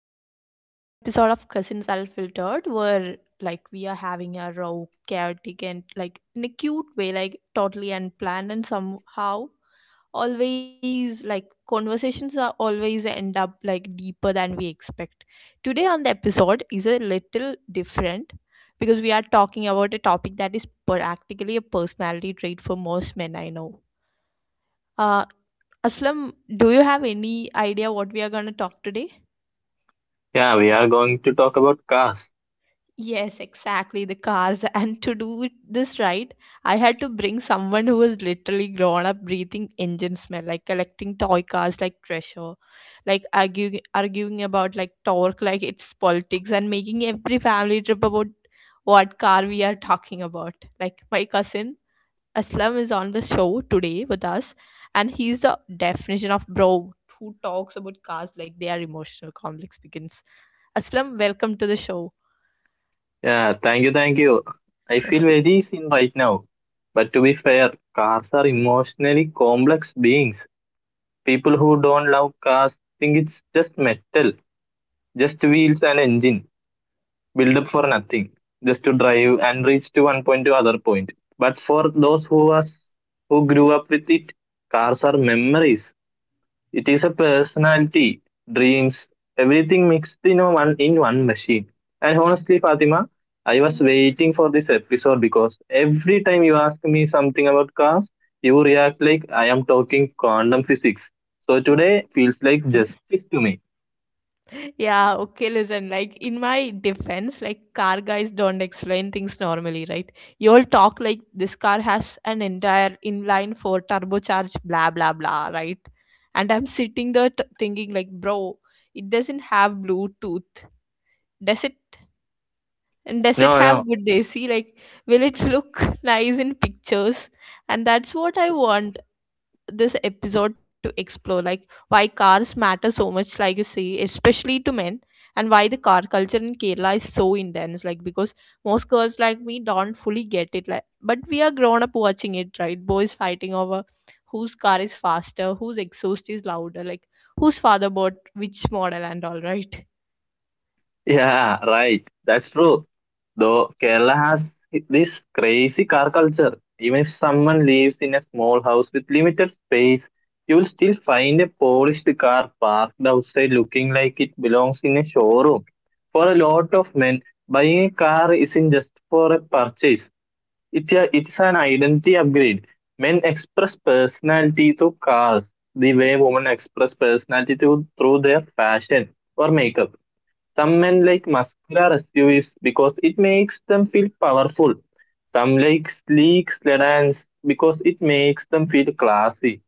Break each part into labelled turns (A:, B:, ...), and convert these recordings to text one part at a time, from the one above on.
A: to another episode of Cousins Unfiltered where, like, we are having a raw, chaotic and, like, in a cute way, like totally unplanned and somehow always like conversations are always end up like deeper than we expect. Today on the episode is a little different because we are talking about a topic that is practically a personality trait for most men I know. Uh Aslam, do you have any idea what we are gonna talk today?
B: Yeah, we are going to talk about cars.
A: Yes, exactly. The cars. And to do this right, I had to bring someone who was literally grown up breathing engine smell, like collecting toy cars like treasure, like arguing about like torque, like it's politics, and making every family trip about what car we are talking about. Like my cousin Aslam is on the show today with us, and he's the definition of bro who talks about cars like they are emotional complex begins. Aslam, welcome to the show.
B: Yeah, thank you. I feel very seen right now. But to be fair, cars are emotionally complex beings. People who don't love cars think it's just metal, just wheels and engine, built up for nothing, just to drive and reach to one point to other point. But for those who us who grew up with it, cars are memories. It is a personality, dreams, everything mixed in a one in one machine. And honestly, Fatima, I was waiting for this episode because every time you ask me something about cars, you react like I am talking quantum physics. So today feels like justice to me.
A: Yeah, okay, listen, like in my defense, like car guys don't explain things normally, right? You'll talk like this car has an entire inline four turbocharged blah blah blah, right? And I'm sitting there thinking like, bro, it doesn't have Bluetooth. Does it and does it
B: No,
A: have
B: no.
A: good desi? Like, will it look nice in pictures? And that's what I want this episode to explore. Like, why cars matter so much, like you say, especially to men, and why the car culture in Kerala is so intense. Like, because most girls like me don't fully get it. Like, but we are grown up watching it, right? Boys fighting over whose car is faster, whose exhaust is louder, like whose father bought which model, and all right.
B: Yeah, right. That's true. Though Kerala has this crazy car culture. Even if someone lives in a small house with limited space, you will still find a polished car parked outside looking like it belongs in a showroom. For a lot of men, buying a car isn't just for a purchase. It's an identity upgrade. Men express personality through cars, the way women express personality through their fashion or makeup. Some men like muscular SUVs because it makes them feel powerful. Some like sleek sedans because it makes them feel classy.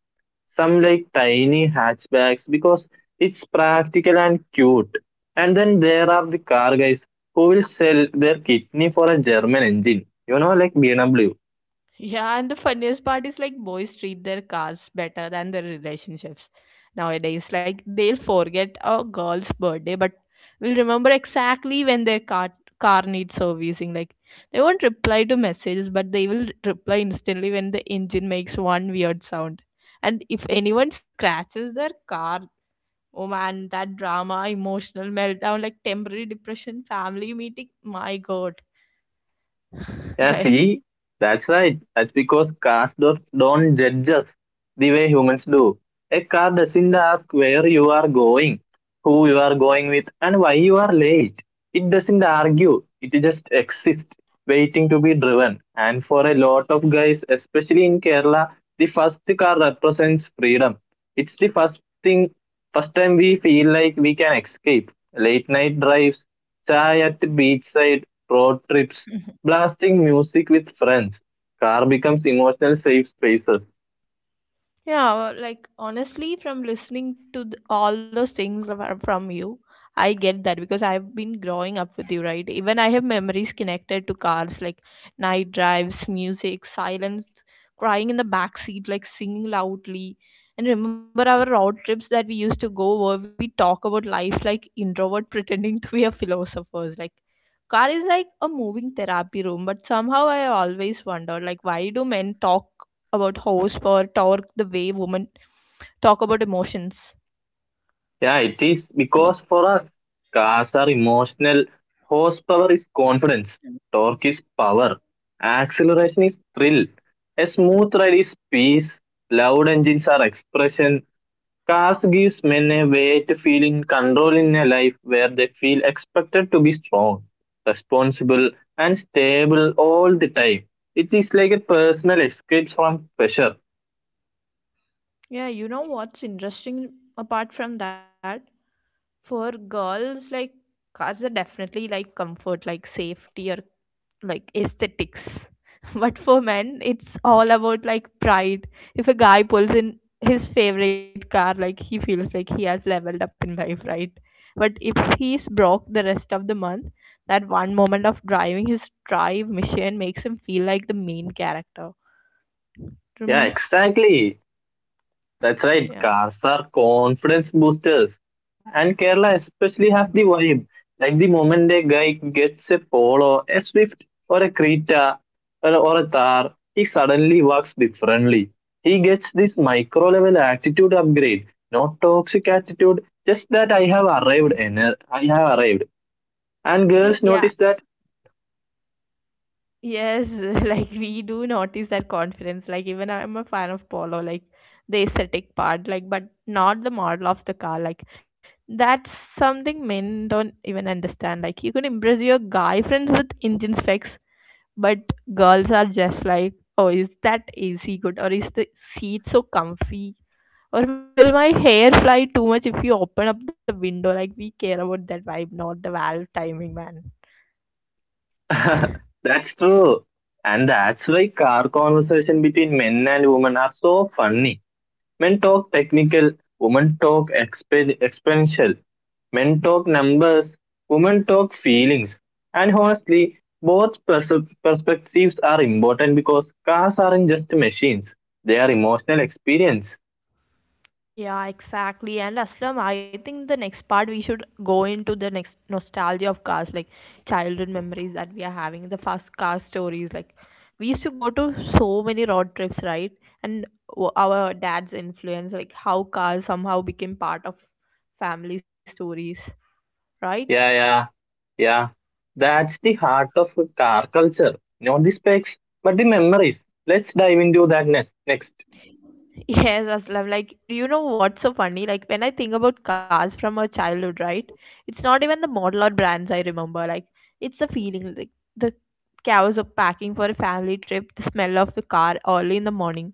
B: Some like tiny hatchbacks because it's practical and cute. And then there are the car guys who will sell their kidney for a German engine, you know, like BMW.
A: Yeah, and the funniest part is like boys treat their cars better than their relationships nowadays. Like they'll forget a girl's birthday, but will remember exactly when their car needs servicing. Like they won't reply to messages, but they will reply instantly when the engine makes one weird sound. And if anyone scratches their car, oh man, that drama, emotional meltdown, like temporary depression, family meeting, my god.
B: Yeah,
A: Like,
B: see, that's right. That's because cars don't judge us the way humans do. A car doesn't ask where you are going, who you are going with, and why you are late. It doesn't argue, it just exists, waiting to be driven. And for a lot of guys, especially in Kerala, the first car represents freedom. It's the first thing, first time we feel like we can escape. Late night drives, chai at beachside, road trips, blasting music with friends. Car becomes emotional safe spaces.
A: yeah, well, like honestly, from listening to all those things from you, I get that because I've been growing up with you, right? Even I have memories connected to cars like night drives, music, silence, crying in the back seat, like singing loudly. And remember our road trips that we used to go where we talk about life like introvert pretending to be a philosophers. Like car is like a moving therapy room, but somehow I always wonder like why do men talk about host or talk the way women talk about emotions
B: Yeah, it is
A: like.
B: because for us, cars are emotional. Horsepower is confidence. Torque is power. Acceleration is thrill. A smooth ride is peace. Loud engines are expression. Cars gives men a way to feel in control in a life where they feel expected to be strong, responsible, and stable all the time. It is like a personal escape from pressure.
A: Yeah, you know what's interesting apart from that? For girls, like cars are definitely like comfort, like safety or like aesthetics. But for men, it's all about like pride. If a guy pulls in his favorite car, like he feels like he has leveled up in life, right? But if he's broke the rest of the month, that one moment of driving his drive mission makes him feel like the main character.
B: Yeah,
A: Remember?
B: exactly. That's right.
A: Yeah.
B: Cars are confidence boosters, and Kerala especially has the vibe. Like the moment a guy gets a Polo, a Swift, or a Creta, or a Thar, he suddenly walks differently. He gets this micro level attitude upgrade, not toxic attitude. Just that I have arrived, I have arrived, and girls
A: Yeah,
B: notice that.
A: yes, like we do notice that confidence. Like even I'm a fan of Polo, like the aesthetic part, like but not the model of the car. Like that's something men don't even understand. Like you could impress your guy friends with engine specs, but girls are just like, oh, is that AC good or is the seat so comfy? Or will my hair fly too much if you open up the window? Like we care about that vibe, not the valve timing, man.
B: that's true, and that's why car conversation between men and women are so funny. Men talk technical, women talk experiential. Men talk numbers, women talk feelings. And honestly, both perspectives are important because cars aren't just machines, they are emotional experience.
A: Yeah, exactly. And Aslam, I think the next part we should go into the next nostalgia of cars, like childhood memories that we are having, the first car stories. Like we used to go to so many road trips, right? And our dad's influence, like how cars somehow became part of family stories, right?
B: Yeah, yeah, yeah. That's the heart of car culture. Not the specs, but the memories. Let's dive into that next. Next.
A: Yes, Aslam, like you know what's so funny? Like when I think about cars from our childhood, right? It's not even the model or brands I remember. Like it's the feeling, like the cows of packing for a family trip, the smell of the car early in the morning,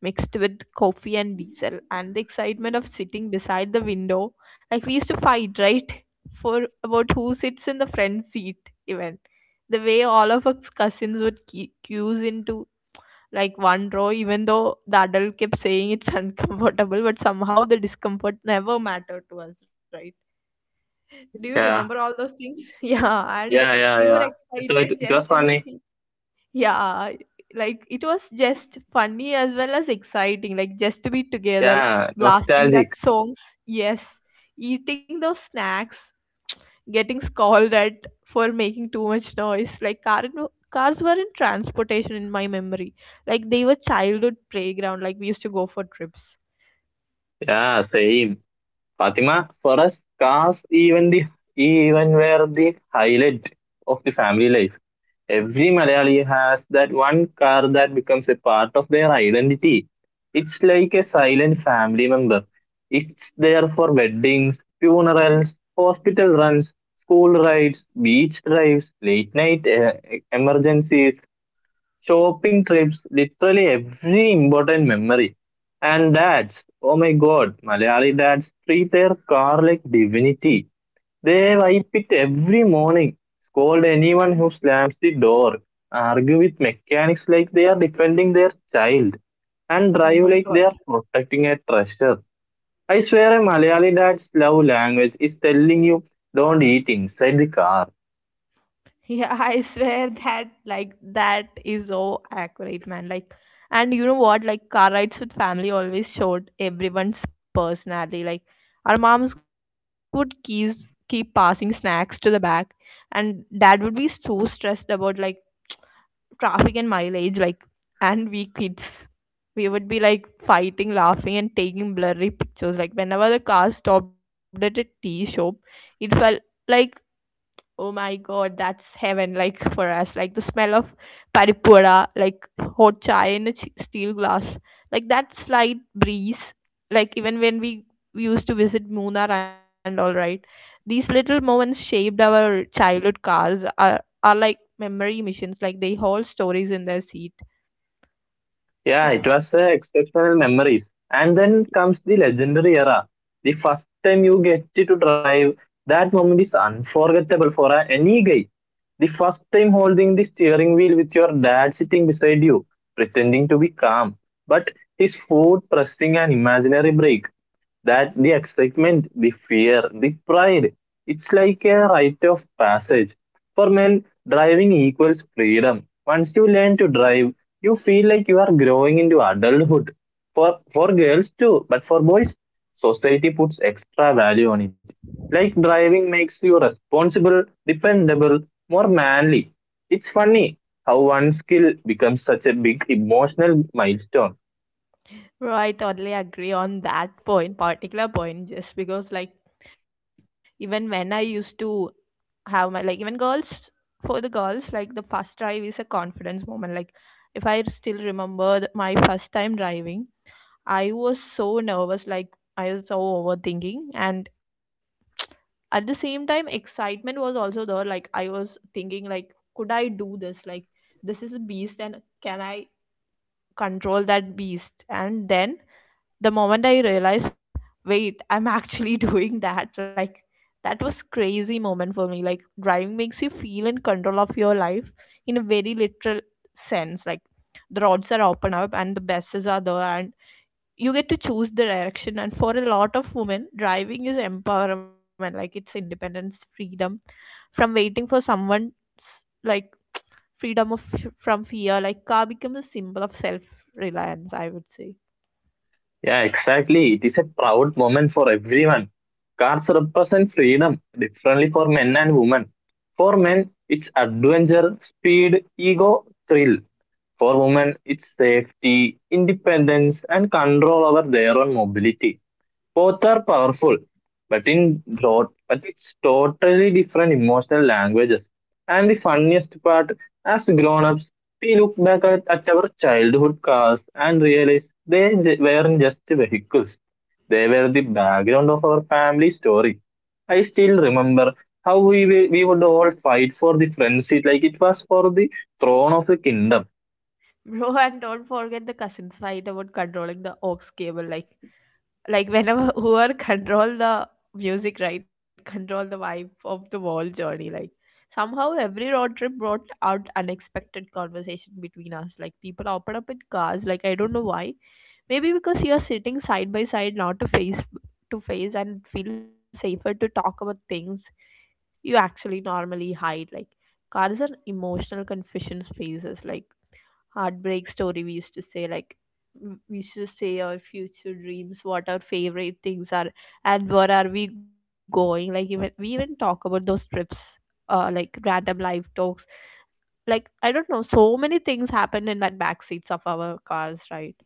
A: mixed with coffee and diesel, and the excitement of sitting beside the window. Like we used to fight, right? For about who sits in the front seat, even. The way all of us cousins would queues into like one row, even though the adult kept saying it's uncomfortable, but somehow the discomfort never mattered to us, right? Do you remember
B: Yeah,
A: all those things? Yeah, and
B: yeah,
A: we
B: yeah,
A: were
B: yeah. So
A: excited
B: it, it
A: just
B: was
A: to
B: funny.
A: be, yeah, like it was just funny as well as exciting, like just to be together,
B: Yeah,
A: blasting that
B: nostalgic.
A: song, yes, eating those snacks, getting scolded at for making too much noise. Like car, no, cars weren't transportation in my memory. Like they were childhood playground. Like we used to go for trips.
B: Yeah, same. Fatima, for us, cars even were the highlight of the family life. Every Malayali has that one car that becomes a part of their identity. It's like a silent family member. It's there for weddings, funerals, hospital runs, school rides, beach drives, late night emergencies, shopping trips, literally every important memory. And dads, oh my god, Malayali dads treat their car like divinity. They wipe it every morning, scold anyone who slams the door, argue with mechanics like they are defending their child, and
A: Oh
B: drive
A: my
B: like they
A: god.
B: are protecting a treasure. I swear a Malayali dad's love language is telling you, don't eat inside the car.
A: Yeah, I swear that like that is so accurate, man. Like, and you know what? Like car rides with family always showed everyone's personality. Like our moms would keep passing snacks to the back, and dad would be so stressed about like traffic and mileage, like, and we kids, we would be like fighting, laughing and taking blurry pictures, like whenever the car stopped at a tea shop it felt like, oh my God, that's heaven, like for us. Like the smell of paripura, like hot chai in a steel glass, like that slight breeze. Like even when we used to visit Munnar and all right, these little moments shaped our childhood cars. Are like memory missions. Like they hold stories in their seat.
B: Yeah, it
A: Yeah.
B: was exceptional memories. And then comes the legendary era. The first time you get to drive, that moment is unforgettable for any guy. The first time holding the steering wheel with your dad sitting beside you, pretending to be calm, but his foot pressing an imaginary brake, that the excitement, the fear, the pride. It's like a rite of passage. For men, driving equals freedom. Once you learn to drive, you feel like you are growing into adulthood. For girls too, but for boys, society puts extra value on it. Like driving makes you responsible, dependable, more manly. It's funny how one skill becomes such a big emotional milestone.
A: Bro, I totally agree on that point, particular point, just because like even when I used to have my like even girls, for the girls, like the first drive is a confidence moment. Like if I still remember my first time driving, I was so nervous, like I was so overthinking, and at the same time excitement was also there. Like I was thinking like could I do this, like this is a beast and can I control that beast, and then the moment I realized, wait, I'm actually doing that, like that was crazy moment for me. Like driving makes you feel in control of your life in a very literal sense. Like the roads are open up and the buses are there, and you get to choose the direction, and for a lot of women driving is empowerment, like it's independence, freedom from waiting for someone. Like freedom of from fear, like car becomes a symbol of self reliance, I would say.
B: Yeah, exactly. It is a proud moment for everyone. Cars represent freedom differently for men and women. For men, it's adventure, speed, ego, thrill. For women, it's safety, independence, and control over their own mobility. Both are powerful, but but it's totally different emotional languages. And the funniest part, as grown-ups, we look back at our childhood cars and realize they weren't just vehicles. They were the background of our family story. I still remember how we would all fight for the front seat like it was for the throne of the kingdom.
A: Bro, and don't forget the cousins fight about controlling the aux cable. Like whenever whoever control the music, right? Control the vibe of the whole journey. Like, somehow every road trip brought out unexpected conversation between us. Like, people open up in cars. Like, I don't know why. Maybe because you are sitting side by side, not to face to face, and feel safer to talk about things you actually normally hide. Like, cars are emotional confession spaces. Like heartbreak story we used to say, like we used to say our future dreams, what our favorite things are, and where are we going, like even we even talk about those trips, like random live talks, like I don't know, so many things happened in that back seats of our cars, right?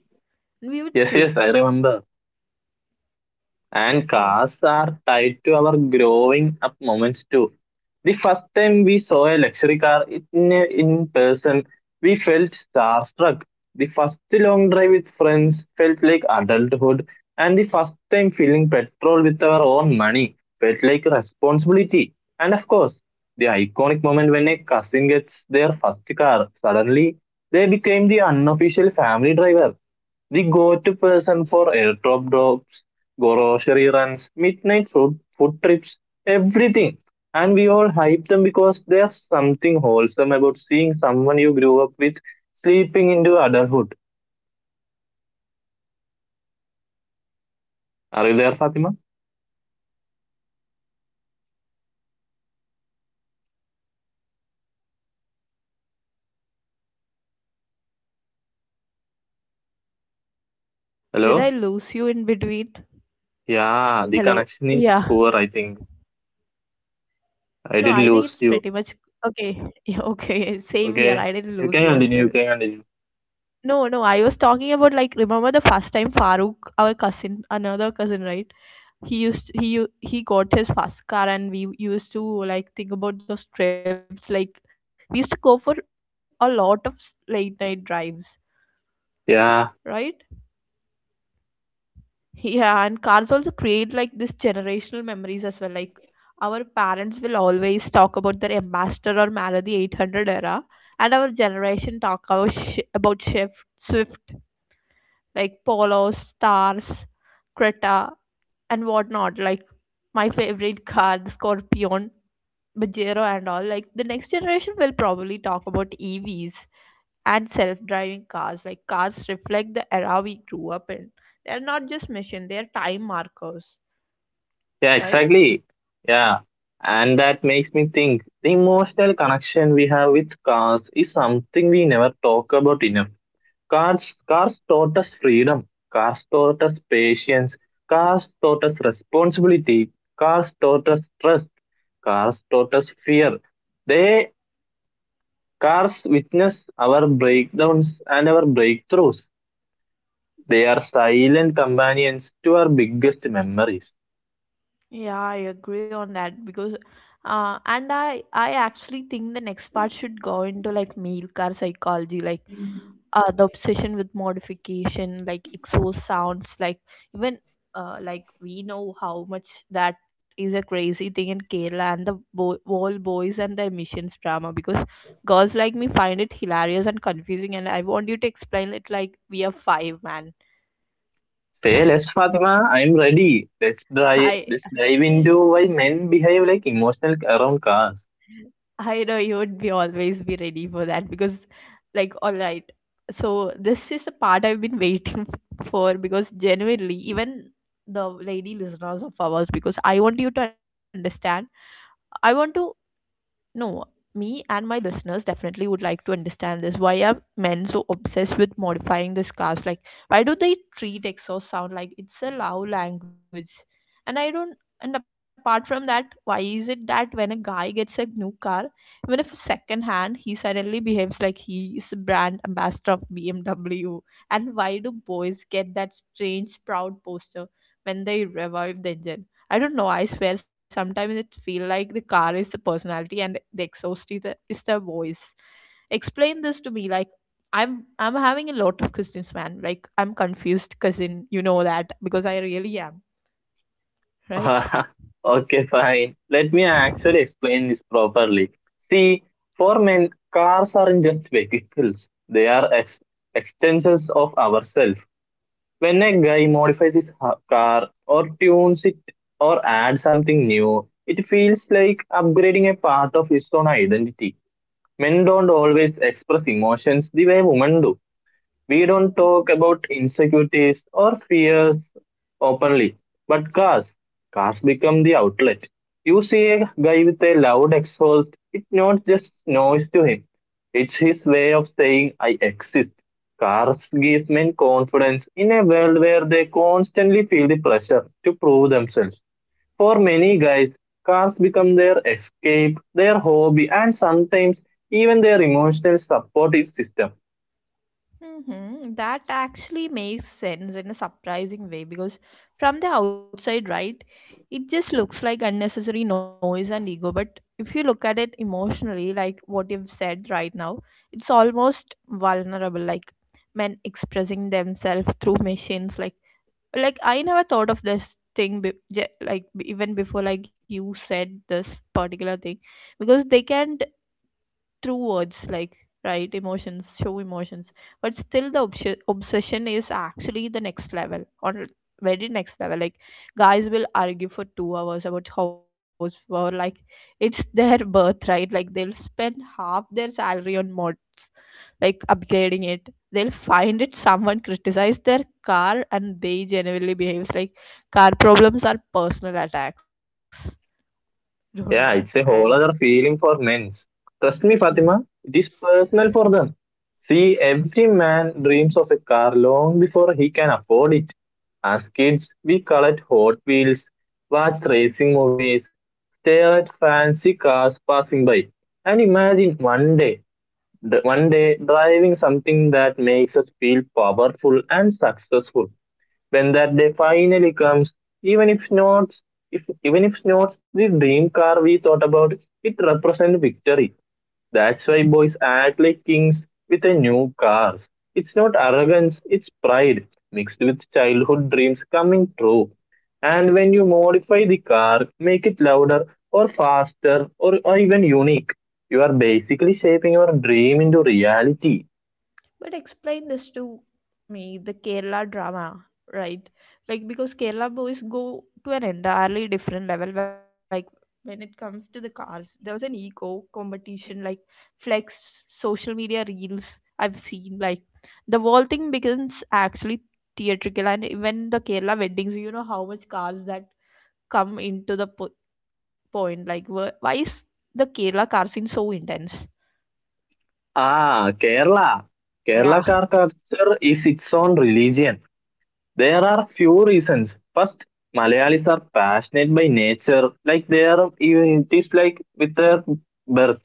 A: And we would
B: Yes,
A: switch.
B: yes, I remember. And
A: Yeah,
B: cars are tied to our growing up moments too. The first time we saw a luxury car in person, we felt starstruck. The first long drive with friends felt like adulthood, and the first time filling petrol with our own money felt like responsibility. And of course, the iconic moment when a cousin gets their first car, suddenly they became the unofficial family driver, the go-to person for airdrop drops, grocery runs, midnight food trips, everything. And we all hype them because there's something wholesome about seeing someone you grew up with sleeping into adulthood.
A: yeah, I remember, like, hello.
B: Are you there,
A: Like,
B: Fatima?
A: yes, I'm here. Like, do you remember the first time like Farooq got his car and we were so excited to go on trips? Hello? Did
B: Hello?
A: I lose you in between?
B: Yeah, the
A: Hello?
B: connection is
A: Yeah.
B: poor, I think.
A: No, I think
B: I
A: it's
B: did
A: pretty
B: lose
A: much
B: you.
A: okay. Yeah, okay. Same here. I
B: Okay,
A: didn't lose you
B: you
A: as
B: can
A: well.
B: continue, you can continue.
A: No, no, I was talking about like remember the first time Farooq, our cousin, another cousin, right? He used he got his first car and we used to like think about those trips, like we used to go for a lot of late night drives, right?
B: Yeah.
A: Yeah, and cards also create like this generational memories as well. Like our parents will always talk about their Ambassador or Malady 800 era, and our generation talk about about Shift, Swift, like Polo, Stars, Creta, and whatnot. Like my favorite car, the Scorpion, Pajero, and all. Like the next generation will probably talk about EVs and self-driving cars. Like cars reflect the era we grew up in, they're not just machines, they're time markers,
B: Yeah,
A: right?
B: exactly. Yeah. And that makes me think the emotional connection we have with cars is something we never talk about enough. Cars taught us freedom, cars taught us patience, cars taught us responsibility, cars taught us trust, cars taught us fear. They cars witness our breakdowns and our breakthroughs. They are silent companions to our biggest memories.
A: Yeah, I agree on that because, and I actually think the next part should go into like male car psychology, like the obsession with modification, like exhaust sounds, like even, like we know how much that is a crazy thing in Kerala and the whole boys and their missions drama, because girls like me find it hilarious and confusing, and I want you to explain it like we are five, man.
B: Say less, Fatima. I'm ready. Let's drive.
A: I.
B: Let's dive into why men behave like emotional around cars.
A: I know you would be always be ready for that because, like, all right. So this is the part I've been waiting for, because genuinely, even the lady listeners of ours, because I want you to understand. I want to, no, me and my listeners definitely would like to understand this. Why are men so obsessed with modifying the scars? Like, why do they treat exo sound like it's a loud language? And I don't. And apart from that, why is it that when a guy gets a new car, even if second hand, he suddenly behaves like he is a brand ambassador of BMW? And why do boys get that strange proud poster when they revive the engine? I don't know. I swear, sometimes it feel like the car is the personality and the exhaust is the voice. Explain this to me. Like, I'm having a lot of questions, man. Like, I'm confused, cousin. You know that because I really am, right?
B: okay, fine. Let me actually explain this properly. See, for men, cars aren't just vehicles. They are extensions of ourselves. When a guy modifies his car or tunes it or adds something new, it feels like upgrading a part of his own identity. Men don't always express emotions the way women do. We don't talk about insecurities or fears openly, but cars, cars become the outlet. You see a guy with a loud exhaust, it's not just noise to him, it's his way of saying, I exist. Cars gives men confidence in a world where they constantly feel the pressure to prove themselves. For many guys, cars become their escape, their hobby, and sometimes even their emotional supportive system.
A: Mm-hmm. That actually makes sense in a surprising way, because from the outside, right, it just looks like unnecessary noise and ego. But if you look at it emotionally, like what you've said right now, it's almost vulnerable, like men expressing themselves through machines. Like I never thought of this thing, even before, like you said this particular thing, because they can through words like, right, emotions, show emotions, but still the obsession is actually the next level, or very next level. Like, guys will argue for 2 hours about house, or like it's their birthright, like they'll spend half their salary on mods, like upgrading it. They'll find it someone criticized their car and they genuinely behaves like car problems are personal attacks. Don't know,
B: Yeah,
A: man.
B: it's a whole other feeling for men's. Trust me, Fatima, it is personal for them. See, every man dreams of a car long before he can afford it. As kids, we collect Hot Wheels, watch racing movies, stare at fancy cars passing by, and imagine one day driving something that makes us feel powerful and successful. When that day finally comes, even if not, if even if not the dream car we thought about, it represents victory. That's why boys act like kings with a new cars. It's not arrogance, it's pride mixed with childhood dreams coming true. And when you modify the car, make it louder or faster, or even unique, you are basically shaping your dream into reality.
A: But explain this to me, the Kerala drama, right? Like, because Kerala boys go to an entirely different level. Like when it comes to the cars, there was an ego competition, like flex, social media reels. I've seen like the whole thing becomes actually theatrical, and even the Kerala weddings, you know how much cars that come into the point. Like why is the Kerala car scene so intense?
B: Ah, Kerala. Kerala
A: Yeah.
B: car culture is its own religion. There are few reasons. First, Malayalis are passionate by nature, like they are it is like with their birth.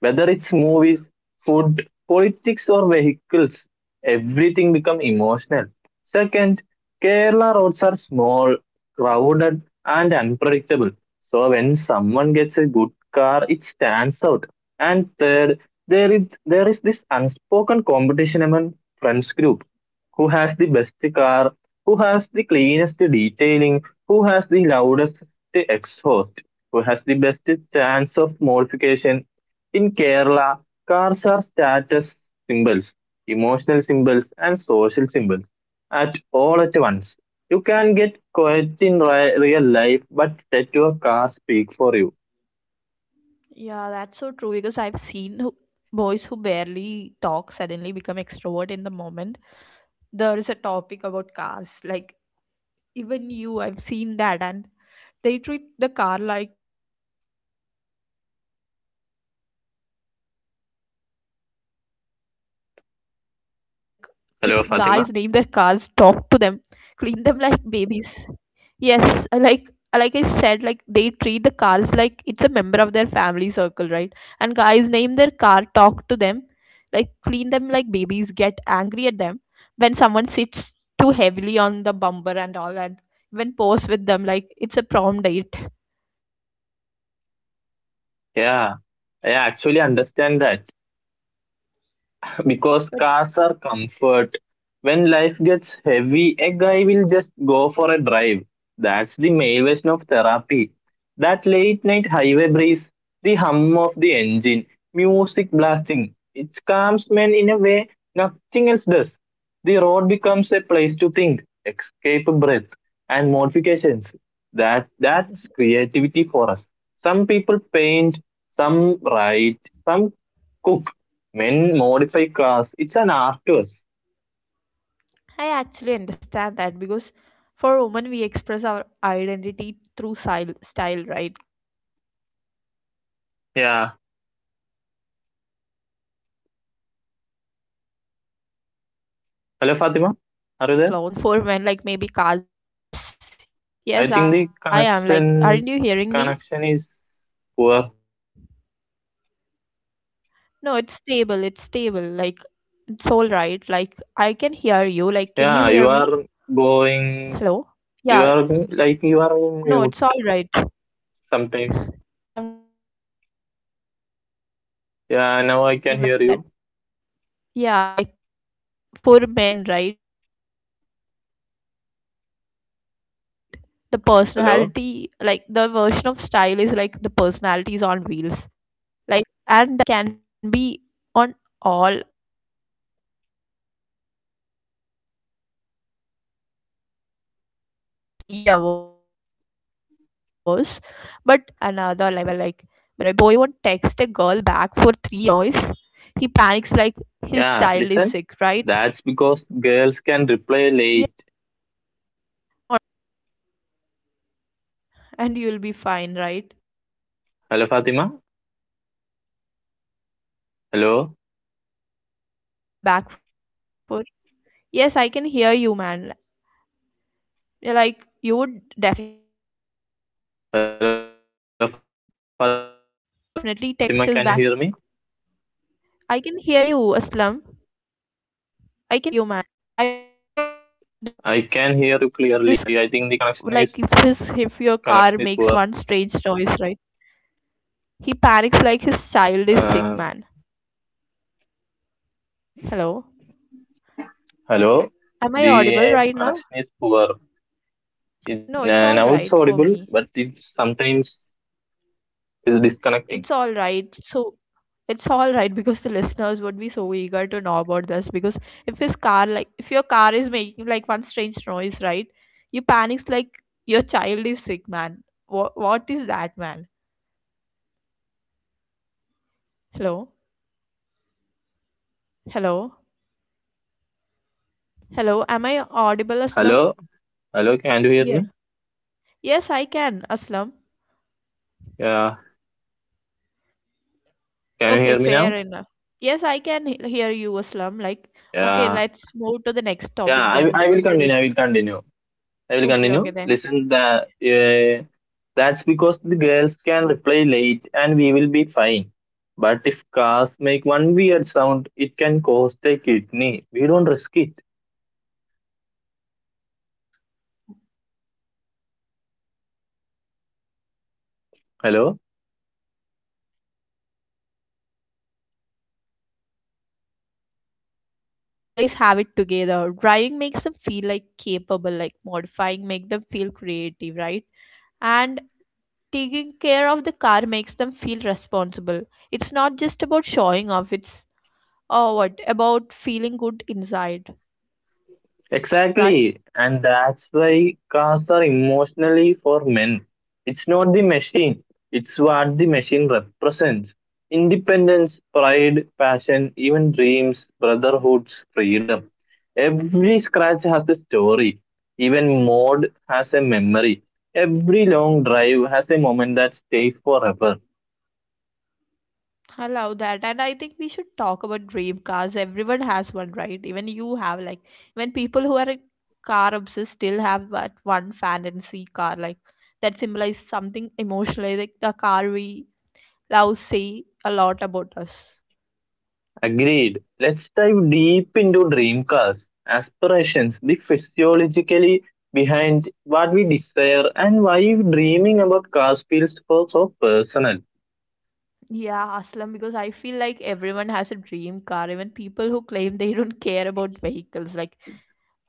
B: Whether it's movies, food, politics, or vehicles, everything becomes emotional. Second, Kerala roads are small, crowded, and unpredictable. So when someone gets good car, it stands out. And third, there is this unspoken competition among friends group. Who has the best car? Who has the cleanest detailing? Who has the loudest exhaust? Who has the best chance of modification? In Kerala, cars are status symbols, emotional symbols, and social symbols at all at once. You can get quiet in real life, but let your car speak for you.
A: Yeah, that's so true because I've seen who, boys who barely talk suddenly become extrovert in the moment. There is a topic about cars, like even you, I've seen that, and they treat the car like it's a member of their friend circle or their family itself, because guys name their cars, talk to them, clean them
B: Hello,
A: like
B: Fatima.
A: babies. Yes, I like I said, like they treat the cars like it's a member of their family circle, right? And guys name their car, talk to them, like clean them like babies, get angry at them when someone sits too heavily on the bumper and all, and when pose with them like it's a prom date. I don't know, man.
B: Yeah, I actually understand that, because cars are comfort. When life gets heavy, a guy will just go for a drive. That's the male version of therapy. That late night highway breeze, the hum of the engine, music blasting. It calms men in a way nothing else does. The road becomes a place to think, escape breath, and modifications. That's creativity for us. Some people paint, some write, some cook, men modify cars. It's an artist.
A: I actually understand that because for women, we express our identity through style, right? Clothes, hair, makeup, jewelry,
B: Yeah.
A: and whatnot. Like, yeah, and for men, like maybe cars are their version of their style, like the
B: Hello,
A: personality
B: Fatima.
A: is on
B: Are you
A: the
B: there?
A: wheels. Yes, yes, I am. Like, aren't you
B: I think
A: hearing
B: the
A: me?
B: connection is poor.
A: No, it's stable. Like, it's all right. Like, I can hear you. Like, can you hear me?
B: Yeah, you are
A: Hello? Yeah,
B: going. You are like
A: no,
B: you are
A: it's all
B: in
A: right.
B: mute sometimes.
A: No, I'm not on mute. Mute. Okay,
B: Yeah,
A: so
B: now I
A: I'm
B: can hear
A: saying
B: you.
A: like that. Yeah, like for men, right? The personality, like the version of style is like the personality is on
B: Hello.
A: wheels. Like, and I'll say this, the emotional connection men have with their cars can be on all another level. Like, but something is hilarious here. A boy won't text a girl back for 3 hours, but if his car makes one strange noise, he panics like his child is sick, right? And
B: Yeah, listen.
A: whatnot.
B: That's
A: Like,
B: because girls can reply late.
A: yeah, and you'll be fine, right?
B: Hello, Fatima.
A: Yeah. And a boy won't
B: Hello.
A: text a girl back for. Yes, I can hear you, man. Yeah, like, you would definitely text us back, like, so
B: Hello,
A: late.
B: Fatima. Can you hear me?
A: I can hear you, Aslam.
B: I
A: I can
B: can
A: hear
B: hear you
A: you, man.
B: clearly.
A: I was talking about, like,
B: Yeah,
A: this,
B: the I think the connection
A: like, if
B: is
A: his, if your car
B: connection
A: makes
B: is
A: one
B: poor.
A: strange noise, right? He panics like his child is sick, man.
B: Uh,
A: Hello? Am
B: Hello,
A: I audible right now?
B: the connection is poor.
A: No, it's
B: It,
A: all right
B: now
A: for
B: it's
A: me.
B: audible, but it sometimes is
A: It's all
B: disconnecting.
A: right. So, it's all right because the listeners would be so eager to know about this, because if his car, like if your car is making like one strange noise, right, you panics like your child is sick, man. What is that, man? Hello. Hello. Hello, am I audible,
B: Hello,
A: Aslam?
B: hello, can you hear me?
A: Yeah. Yes, I can, Aslam.
B: Yeah, can you
A: Okay,
B: hear me
A: fair
B: now?
A: enough. Yes, I can hear you, Aslam. Like, okay,
B: Yeah,
A: let's move to the next topic
B: yeah.
A: then,
B: I
A: because
B: will
A: the list.
B: continue. I will continue. I will
A: Okay,
B: continue.
A: okay, then.
B: Listen, that's because the girls can reply late, and we will be fine. But if cars make one weird
A: Yeah.
B: sound, it can cost a kidney. We don't risk it.
A: Oh man, like fair enough. Like, but here is something deeper that I know. I think cards give men a sense of
B: Hello.
A: control in a world where they often feel pressured to like always have it together. Driving makes them feel like capable, like modifying make them feel creative, right? And taking care of the car makes them feel responsible. It's not just about showing off. It's oh what about feeling good inside, right?
B: Exactly, and that's why cars are emotionally for men. It's not the machine, it's what the machine represents independence, pride, passion, even dreams, brotherhoods, freedom. Every scratch has a story, even mode has a memory. Every long drive has a moment that stays forever.
A: I love that, and I think we should talk about dream cars. Everyone has one, right? Even you have like, when people who are car obsessed still have that one fantasy car, like that symbolizes something emotionally, like the car we love say a lot about us.
B: Agreed. Let's dive deep into dream cars, aspirations, the physiologically behind what we desire, and why dreaming about cars feels so personal.
A: Yeah, Aslam, because I feel like everyone has a dream car, even people who claim they don't care about vehicles. Like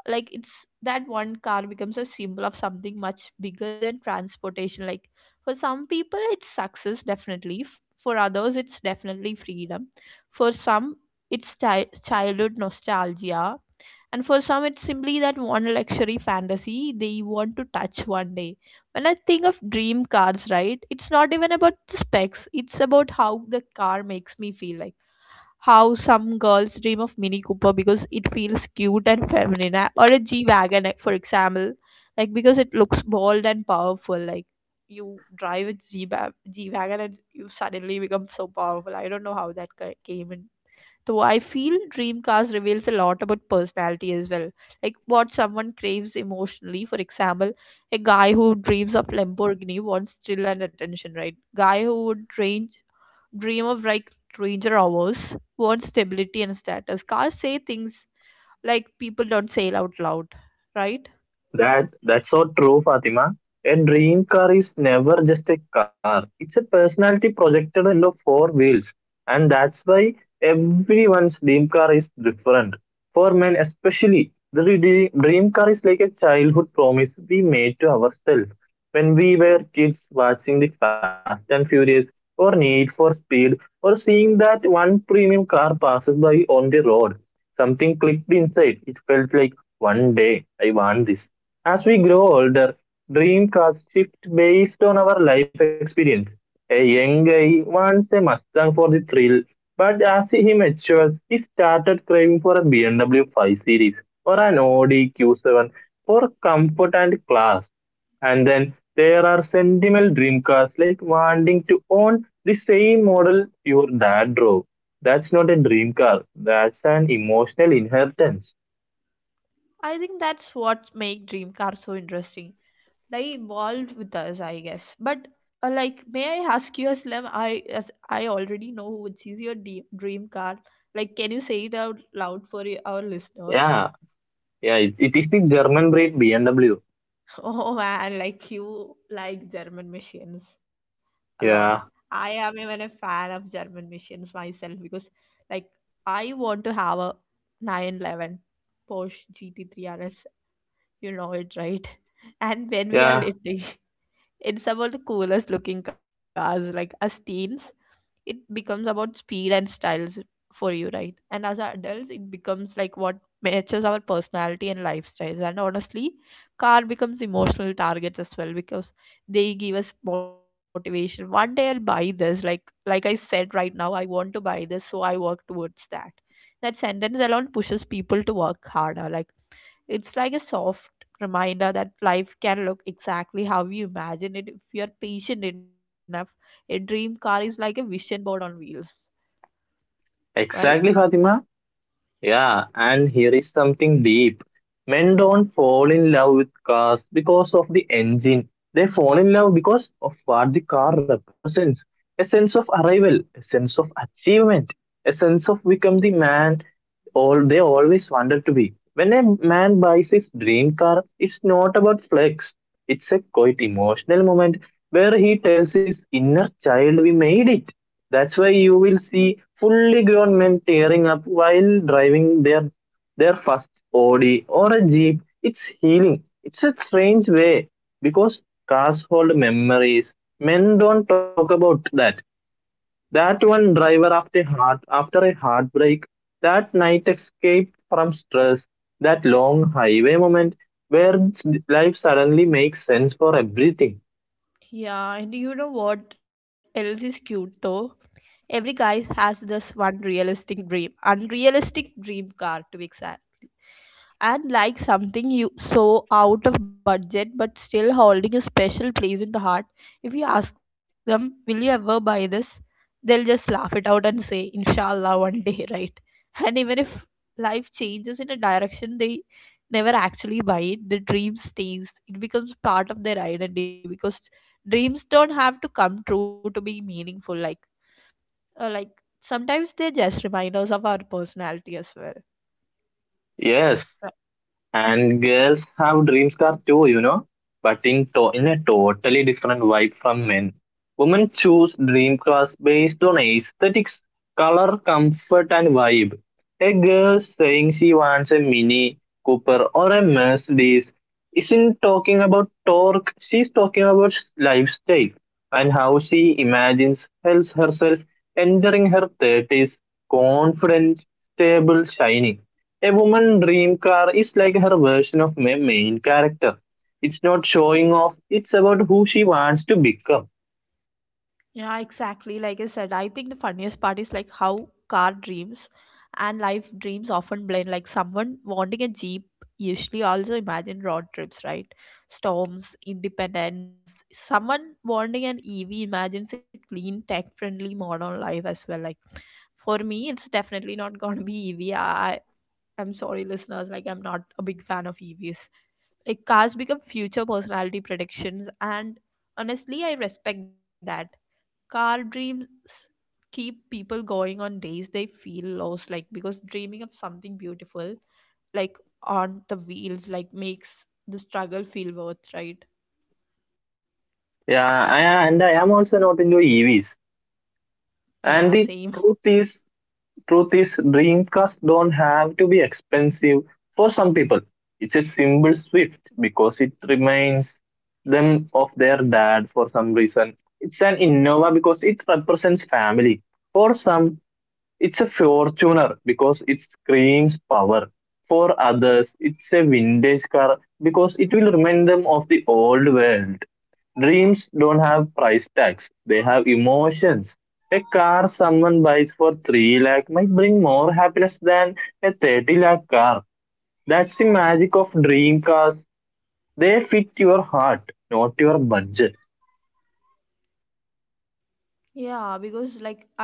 A: like it's that one car becomes a symbol of something much bigger than transportation. Like for some people it's success, definitely. For others it's definitely freedom, for some it's childhood nostalgia, and for some it's simply that one luxury fantasy they want to touch one day. When I think of dream cars, right, it's not even about the specs, it's about how the car makes me feel. Like how some girls dream of Mini Cooper because it feels cute and feminine, or a G wagon, like for example, like because it looks bold and powerful. Like you drive a G wagon and you suddenly become so powerful. I don't know how that came in. So I feel dream cars reveals a lot about personality as well, like what someone craves emotionally. For example, a guy who dreams of Lamborghini wants thrill and attention, right? Guy who would range dream of like ranger hours, want stability and status. Cars say things like people don't say out loud, right?
B: That's so true, Fatima. A dream car is never just a car. It's a personality projected in the four wheels, and that's why everyone's dream car is different. For men, especially, the dream car is like a childhood promise we made to ourselves when we were kids, watching the Fast and Furious or Need for Speed, or seeing that one premium car passes by on the road. Something clicked inside. It felt like one day I want this. As we grow older, dreamcasts shift based on our life experience. A young guy wants a Mustang for the thrill, but as he matures, he started craving for a BMW 5 Series or an Audi Q7 for comfort and class. And then there are sentimental dream cars, like wanting to own the same model your dad drove. That's not a dream car, that's an emotional inheritance.
A: I think that's what make dream cars so interesting. They evolved with us, I guess. But like, may I ask you, Aslam? I as I already know which is your dream car. Like, can you say it out loud for our listeners?
B: Yeah, yeah, it is the German breed BMW.
A: Oh man, like you like German machines a lot.
B: Yeah,
A: I am even a fan of German machines myself because, like, I want to have a 911 Porsche GT3 RS. You know it, right? And when we are
B: yeah,
A: little, it's about the coolest looking cars. Like, as teens, it becomes about speed and styles for you, right? And as adults, it becomes like what matches our personality and lifestyles. And honestly, car becomes emotional targets as well because they give us motivation. One day I'll buy this. Like I said right now, I want to buy this, so I work towards that. That sentence alone pushes people to work harder. Like it's like a soft reminder that life can look exactly how you imagine it if you're patient enough. A dream car is like a vision board on wheels, right?
B: exactly, Fatima.
A: Yeah.
B: Yeah, and here is something deep. Men don't fall in love with cars because of the engine. They fall in love because of what the car represents. A sense of arrival, a sense of achievement, a sense of become the man all they always wanted to be. When a man buys his dream car, it's not about flex. It's a quite emotional moment where he tells his inner child we made it. That's why you will see fully grown men tearing up while driving their first Audi or a Jeep. It's healing. It's a strange way because cars hold memories. Men don't talk about that. That one driver after heart after a heartbreak, that night escape from stress, that long highway moment where life suddenly makes sense for everything.
A: Yeah, and you know what else is cute though? Every guy has this one realistic dream, unrealistic dream car to be exact, and like something you so out of budget but still holding a special place in the heart. If you ask them, will you ever buy this, they'll just laugh it out and say inshallah one day. Right? And even if life changes in a direction, they never actually buy it, the dream stays, it becomes part of their identity, because dreams don't have to come true to be meaningful. Like, like sometimes they just remind us of our personality as well.
B: Yes. And girls have dream car too, you know, but in a totally different vibe from men. Women choose dream cars based on aesthetics, color, comfort, and vibe. A girl saying she wants a Mini Cooper or a Mercedes isn't talking about torque. She's talking about lifestyle and how she imagines herself entering her thirties, confident, stable, shining. A woman dream car is like her version of my main character. It's not showing off, it's about who she wants to become.
A: Yeah, exactly. Like I said, I think the funniest part is like how car dreams and life dreams often blend. Like someone wanting a Jeep usually also imagine road trips, right? Storms, independence. Someone wanting an EV imagines a clean, tech-friendly modern life as well. Like for me, it's definitely not going to be EV. I'm sorry, listeners. Like I'm not a big fan of EVs. Like cars become future personality predictions, and honestly, I respect that car dreams keep people going on days they feel lost, like because dreaming of something beautiful like on the wheels like makes the struggle feel worth, right?
B: Yeah, I, and I am also not into EVs.
A: Yeah,
B: And
A: same.
B: the truth is, dream cars don't have to be expensive for some people. It's a simple Swift because it reminds them of their dad for some reason. It's an Innova because it represents family. For some, it's a Fortuner because it screams power. For others, it's a vintage car because it will remind them of the old world. Dreams don't have price tags, they have emotions. A car someone buys for 3 lakh might bring more happiness than a 30 lakh car. That's the magic of dream cars. They fit your heart, not your budget.
A: Yeah, because like I think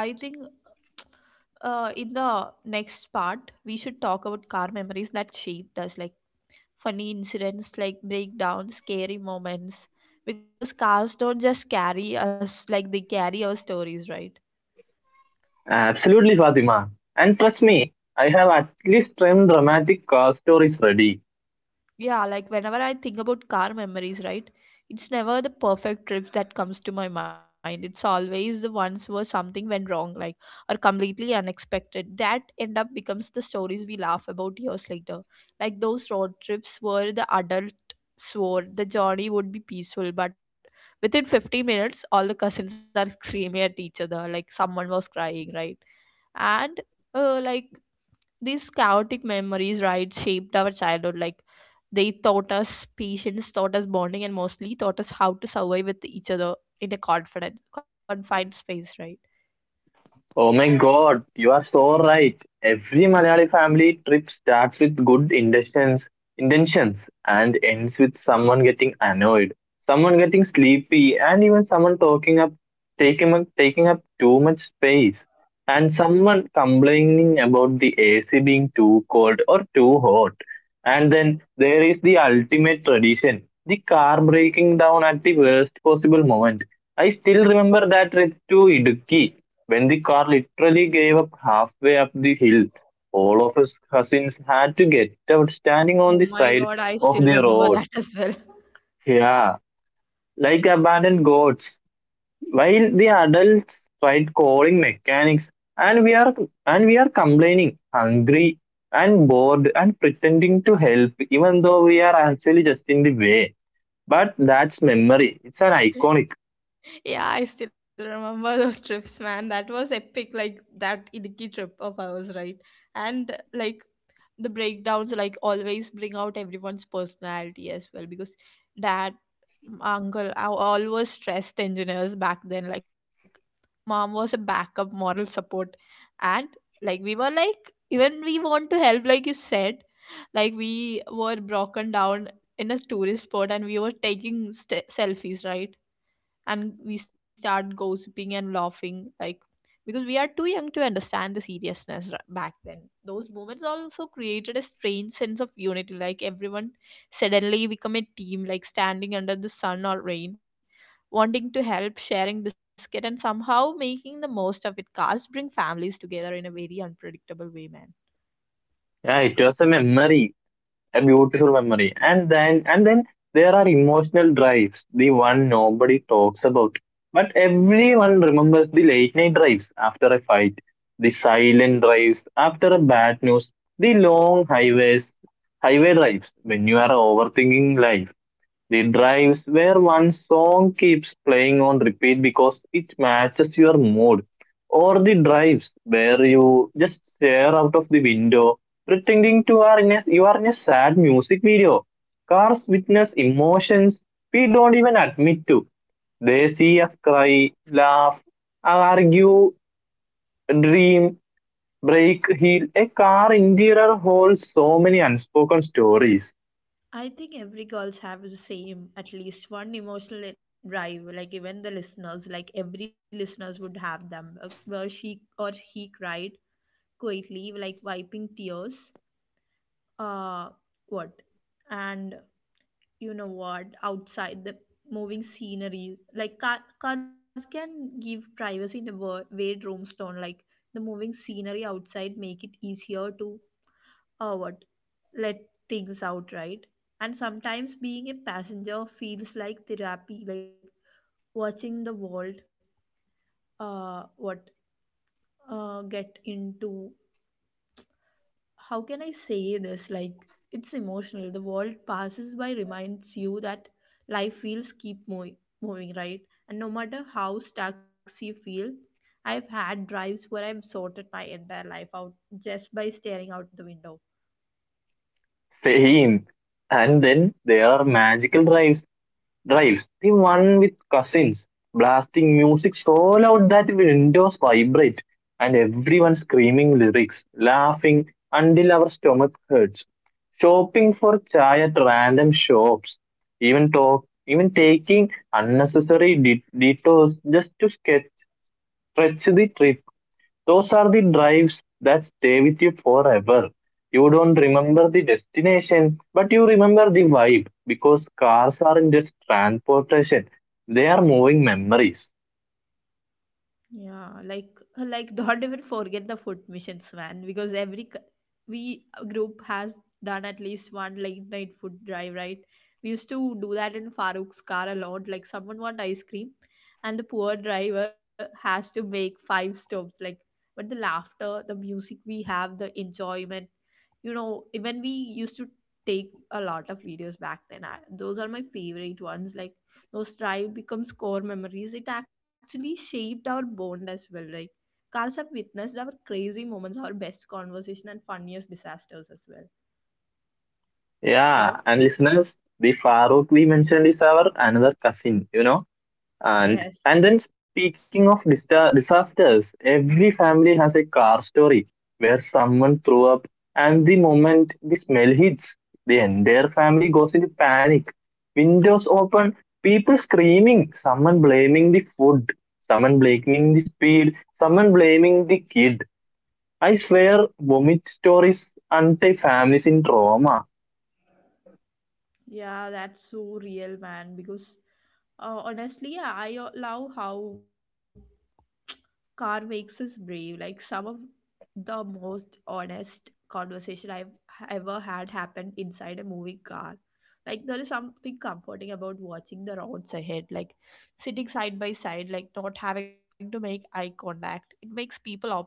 A: in the next part we should talk about car memories that shaped us, like funny incidents, like breakdowns, scary moments, because cars don't just carry us, like they carry our stories, right?
B: Absolutely, Fatima. And trust me, I have at least 10 dramatic car stories ready.
A: Yeah, like whenever I think about car memories, right? It's never the perfect trips that comes to my mind. It's always the ones where something went wrong, like or completely unexpected, that end up becomes the stories we laugh about years later. Like those road trips where the adult swore the journey would be peaceful, but within 50 minutes, all the cousins are screaming at each other, like someone was crying, right? And like these chaotic memories, right, shaped our childhood. Like they taught us patience, taught us bonding, and mostly taught us how to survive with each other in a confined space, right?
B: Oh my God, you are so right. Every Malayali family trip starts with good intentions and ends with someone getting annoyed, someone getting sleepy, and even someone talking up, taking up, taking up too much space, and someone complaining about the AC being too cold or too hot. And then there is the ultimate tradition, the car breaking down at the worst possible moment. I still remember that trip to Idukki when the car literally gave up halfway up the hill. All of us cousins had to get out standing on the
A: Oh
B: side
A: my god, I
B: of the
A: still
B: road.
A: remember that as well.
B: Yeah, like abandoned gods. While the adults tried calling mechanics, and we are complaining, hungry and bored, and pretending to help, even though we are actually just in the way. But that's memory. It's an iconic.
A: Yeah, I still remember those trips, man. That was epic, like that Idiki trip of ours, right? And like the breakdowns, like always bring out everyone's personality as well, because dad, my uncle, I always trust engineers back then. Like mom was a backup moral support, and like we were like even we want to help like you said. Like we were broken down in a tourist spot and we were taking selfies, right? And we start gossiping and laughing like because we are too young to understand the seriousness back then. Those moments also created a strange sense of unity, like everyone suddenly become a team, like standing under the sun or rain, wanting to help, sharing biscuit and somehow making the most of it. Cars bring families together in a very unpredictable way, man.
B: Yeah, it was a memory, a beautiful memory. And then there are emotional drives, the one nobody talks about but everyone remembers. The late night drives after a fight, the silent drives after a bad news, the long highways highway drives when you are overthinking life, the drives where one song keeps playing on repeat because it matches your mood, or the drives where you just stare out of the window pretending to are in a, you are in a sad music video. Cars witness emotions we don't even admit to. They see us cry, laugh, argue, dream, break, heal. A car interior holds so many unspoken stories.
A: I think every girls have the same at least one emotional drive, like even the listeners, like every listeners would have them, where she or he cried quietly, like wiping tears. uh what? And you know what, outside the moving scenery, like car, cars can give privacy in a way rooms don't. Like the moving scenery outside make it easier to what let things out, right? And sometimes being a passenger feels like therapy, like watching the world, what get into, how can I say this? Like it's emotional, the world passes by reminds you that life wheels keep moving, right? And no matter how stuck you feel, I've had drives where I've sorted my entire life out just by staring out the window.
B: Same. And then there are magical drives. Drives. The one with cousins blasting music so loud that windows vibrate, and everyone screaming lyrics, laughing until our stomach hurts. Shopping for chai at random shops. Even talk. Even taking unnecessary detours just to stretch the trip. Those are the drives that stay with you forever. You don't remember the destination, but you remember the vibe because cars aren't just transportation, they are moving memories.
A: Yeah, like like don't even forget the food missions, man. Because every we group has done at least one late night food drive, right? We used to do that in Farooq's car a lot. Like someone want ice cream, and the poor driver has to make 5 stops. Like, but the laughter, the music we have, the enjoyment. You know, even we used to take a lot of videos back then. I, those are my favorite ones. Like those drive becomes core memories, it actually shaped our bond as well, right? Cars have witnessed our crazy moments, our best conversation and funniest disasters as well. Right,
B: Yeah, and listeners, the Farooq we mentioned is our another cousin, you know.
A: yes.
B: And then speaking of disasters, every family has a car story where someone threw up, and the moment the smell hits, the entire family goes into panic. Windows open, people screaming, someone blaming the food, someone blaming the speed, someone blaming the kid. I swear, vomit stories untie families in trauma.
A: Yeah, that's so real, man, because honestly I love how car makes us brave. Like some of the most honest conversation I've ever had happened inside a moving car. Like there is something comforting about watching the roads ahead, like sitting side by side, like not having to make eye contact. It makes people open up,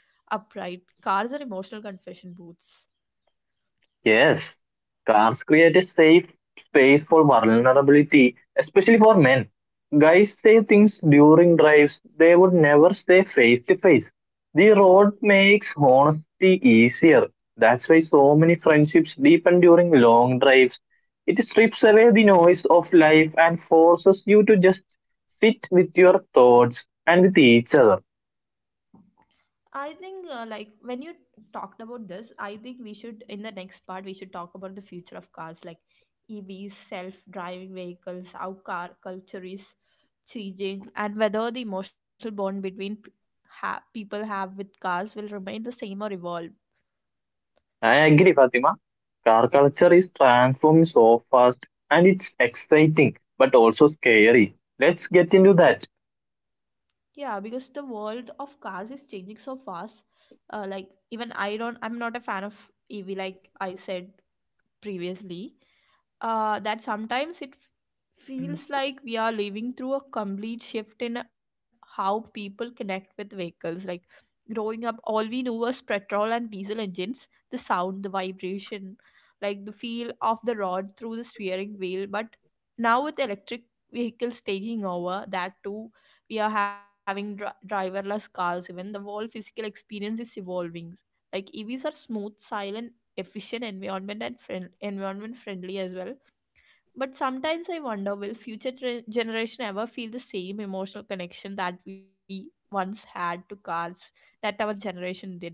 A: upright. Cars are emotional confession booths.
B: Yes, cars create a safe space for vulnerability, especially for men. Guys say things during drives they would never say face to face. The road makes honesty easier. That's why so many friendships deepen during long drives. It strips away the noise of life and forces you to just sit with your thoughts and with each other.
A: I think, like, when you talked about this, I think we should, in the next part, we should talk about the future of cars, like EVs, self driving vehicles, how car culture is changing, and whether the emotional bond between people have with cars will remain the same or evolve.
B: I agree, Fatima. Car culture is transforming so fast and it's exciting but also scary. Let's get into that.
A: Yeah, because the world of cars is changing so fast. Like, even I'm not a fan of EV, like I said previously. That sometimes it feels like we are living through a complete shift in how people connect with vehicles. Like growing up, all we knew was petrol and diesel engines, the sound, the vibration, like the feel of the rod through the steering wheel. But now with electric vehicles taking over, that too, we are having driverless cars. Even the whole physical experience is evolving. Like EVs are smooth, silent, efficient, environment friendly as well. But sometimes I wonder, will future generation ever feel the same emotional connection that we once had to cars, that our generation did? Like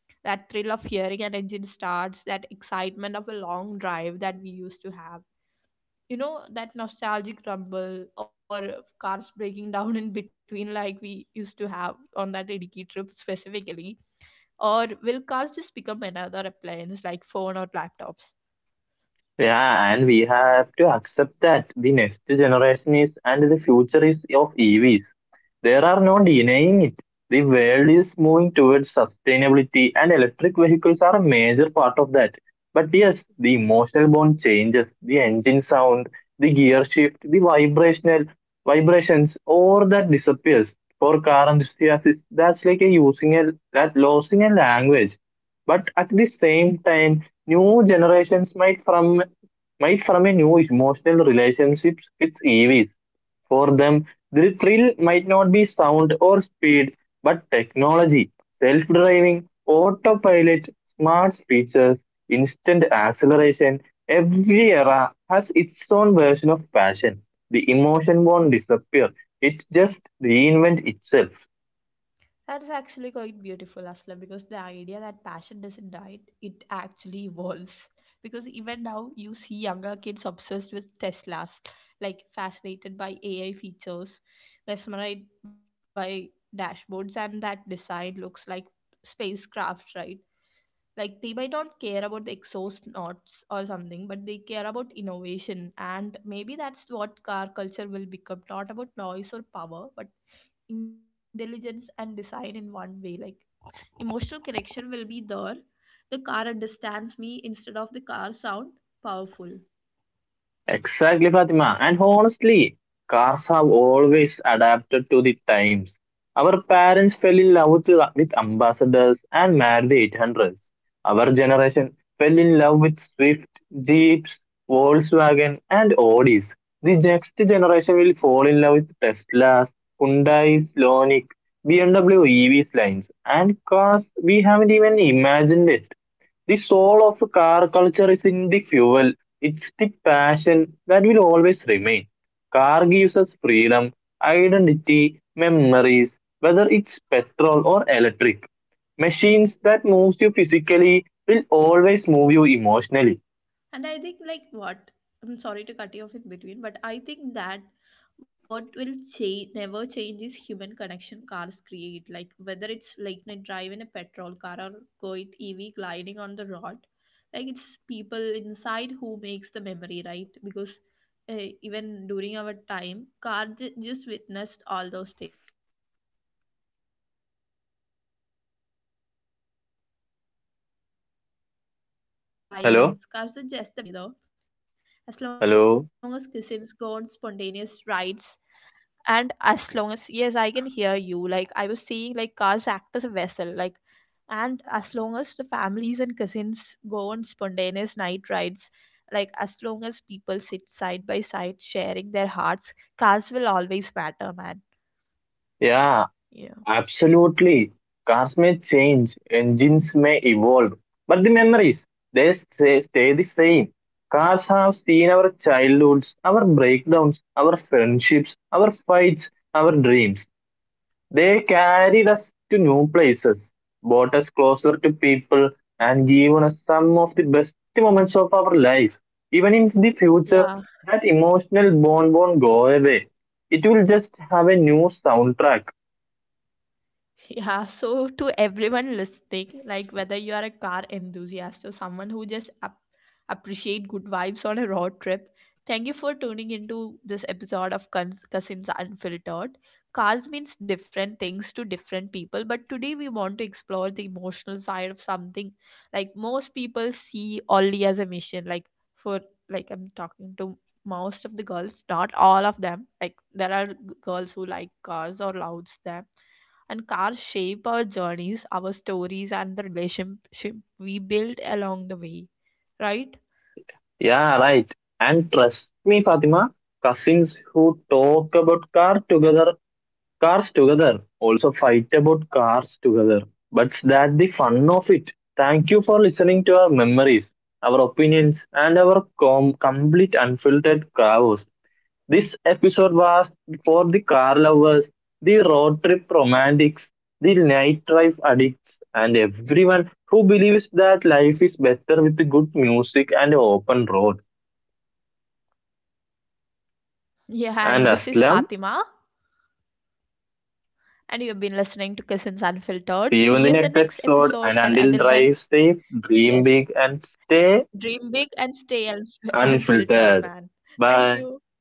A: that thrill of hearing an engine starts, that excitement of a long drive that we used to have, you know, that nostalgic rumble, or cars breaking down in between like we used to have on that Idiki trip specifically? Or will cars just become another appliance like phone or laptops?
B: Yeah, and we have to accept that the next generation is and the future is of EVs. There are no denying it. The world is moving towards sustainability, and electric vehicles are a major part of that. But yes, the emotional bond changes, the engine sound, the gear shift, the vibrational vibrations, all that disappears. For car enthusiasts, that's like a using a that losing a language. But at the same time, new generations might from a new emotional relationships with EVs. For them, the thrill might not be sound or speed, but technology, self-driving, autopilot, smart features, instant acceleration. Every era has its own version of passion. The emotion won't disappear; it just reinvent itself.
A: That's actually quite beautiful, Aslam, because the idea that passion doesn't die, it actually evolves. Because even now, you see younger kids obsessed with Teslas, like fascinated by AI features, mesmerized by dashboards, and that design looks like spacecraft, right? Like they might not care about the exhaust notes or something, but they care about innovation. And maybe that's what car culture will become, not about noise or power, but intelligence and design. In one way, like emotional connection will be there, the car understands me instead of the car sound powerful.
B: Exactly, Fatima. And honestly, cars have always adapted to the times. Our parents fell in love with ambassadors and married the 800s. Our generation fell in love with Swift, Jeeps, Volkswagen, and Audis. The next generation will fall in love with Teslas, Hyundai's, Lonic, BMW EVs lines, and cars we haven't even imagined. The soul of car culture is in the fuel. It's the passion that will always remain. Car gives us freedom, identity, memories, whether it's petrol or electric. Machines that moves you physically will always move you emotionally.
A: And I think, like, what, I'm sorry to cut you off in between, but I think that what will change, never change is human connection cars create. Like, whether it's late night drive in a petrol car or go EV gliding on the road, like, it's people inside who makes the memory, right? Because even during our time, car just witnessed all those things, the laughter, the conversation we had, the music, the silence. Cars are just the vessels, and as long as families travel
B: Hello?
A: together, as long as cousins go on spontaneous
B: Hello?
A: rides, and as long as, yes I can hear you, like I was seeing, like cars act as a vessel, like, and as long as the families and cousins go on spontaneous night rides, like as long as people sit side by side sharing their hearts, cars will always matter, man. Yeah,
B: Yeah, absolutely. Cars may change, engines may evolve, but the memories, they stay the same. Cars have seen our childhoods, our breakdowns, our friendships, our fights, our dreams. They carried us to new places, brought us closer to people, and given us some of the best moments of our life. Even in the future,
A: yeah.
B: that emotional bond won't go away. It will just have a new soundtrack.
A: Yeah, so to everyone listening, like whether you are a car enthusiast or someone who just appreciate good vibes on a road trip, thank you for tuning into this episode of Cousins Unfiltered. Cars means different things to different people, but today we want to explore the emotional side of something like most people see only as a mission. Like for, like I'm talking to most of the girls, not all of them. Like there are girls who like cars or loves them, and cars shape our journeys, our stories, and the relationship we build along the way, right?
B: Yeah, right. And trust me, Fatima, cousins who talk about cars together, also fight about cars together. But that's the fun of it. Thank you for listening to our memories, our opinions, and our complete unfiltered chaos. This episode was for the car lovers, the road trip romantics, the night drive addicts, and everyone who believes that life is better with good music and open road.
A: Yeah, and this is Fatima,
B: And Aslam.
A: and you've been listening to Cousins Unfiltered. See you in the next
B: See
A: episode,
B: you in
A: and
B: the next
A: until then,
B: episode. And until drive
A: yes,
B: safe, dream big, and
A: dream big and
B: stay
A: stay unfiltered, man.
B: unfiltered.
A: Thank you.
B: Bye.
A: Bye.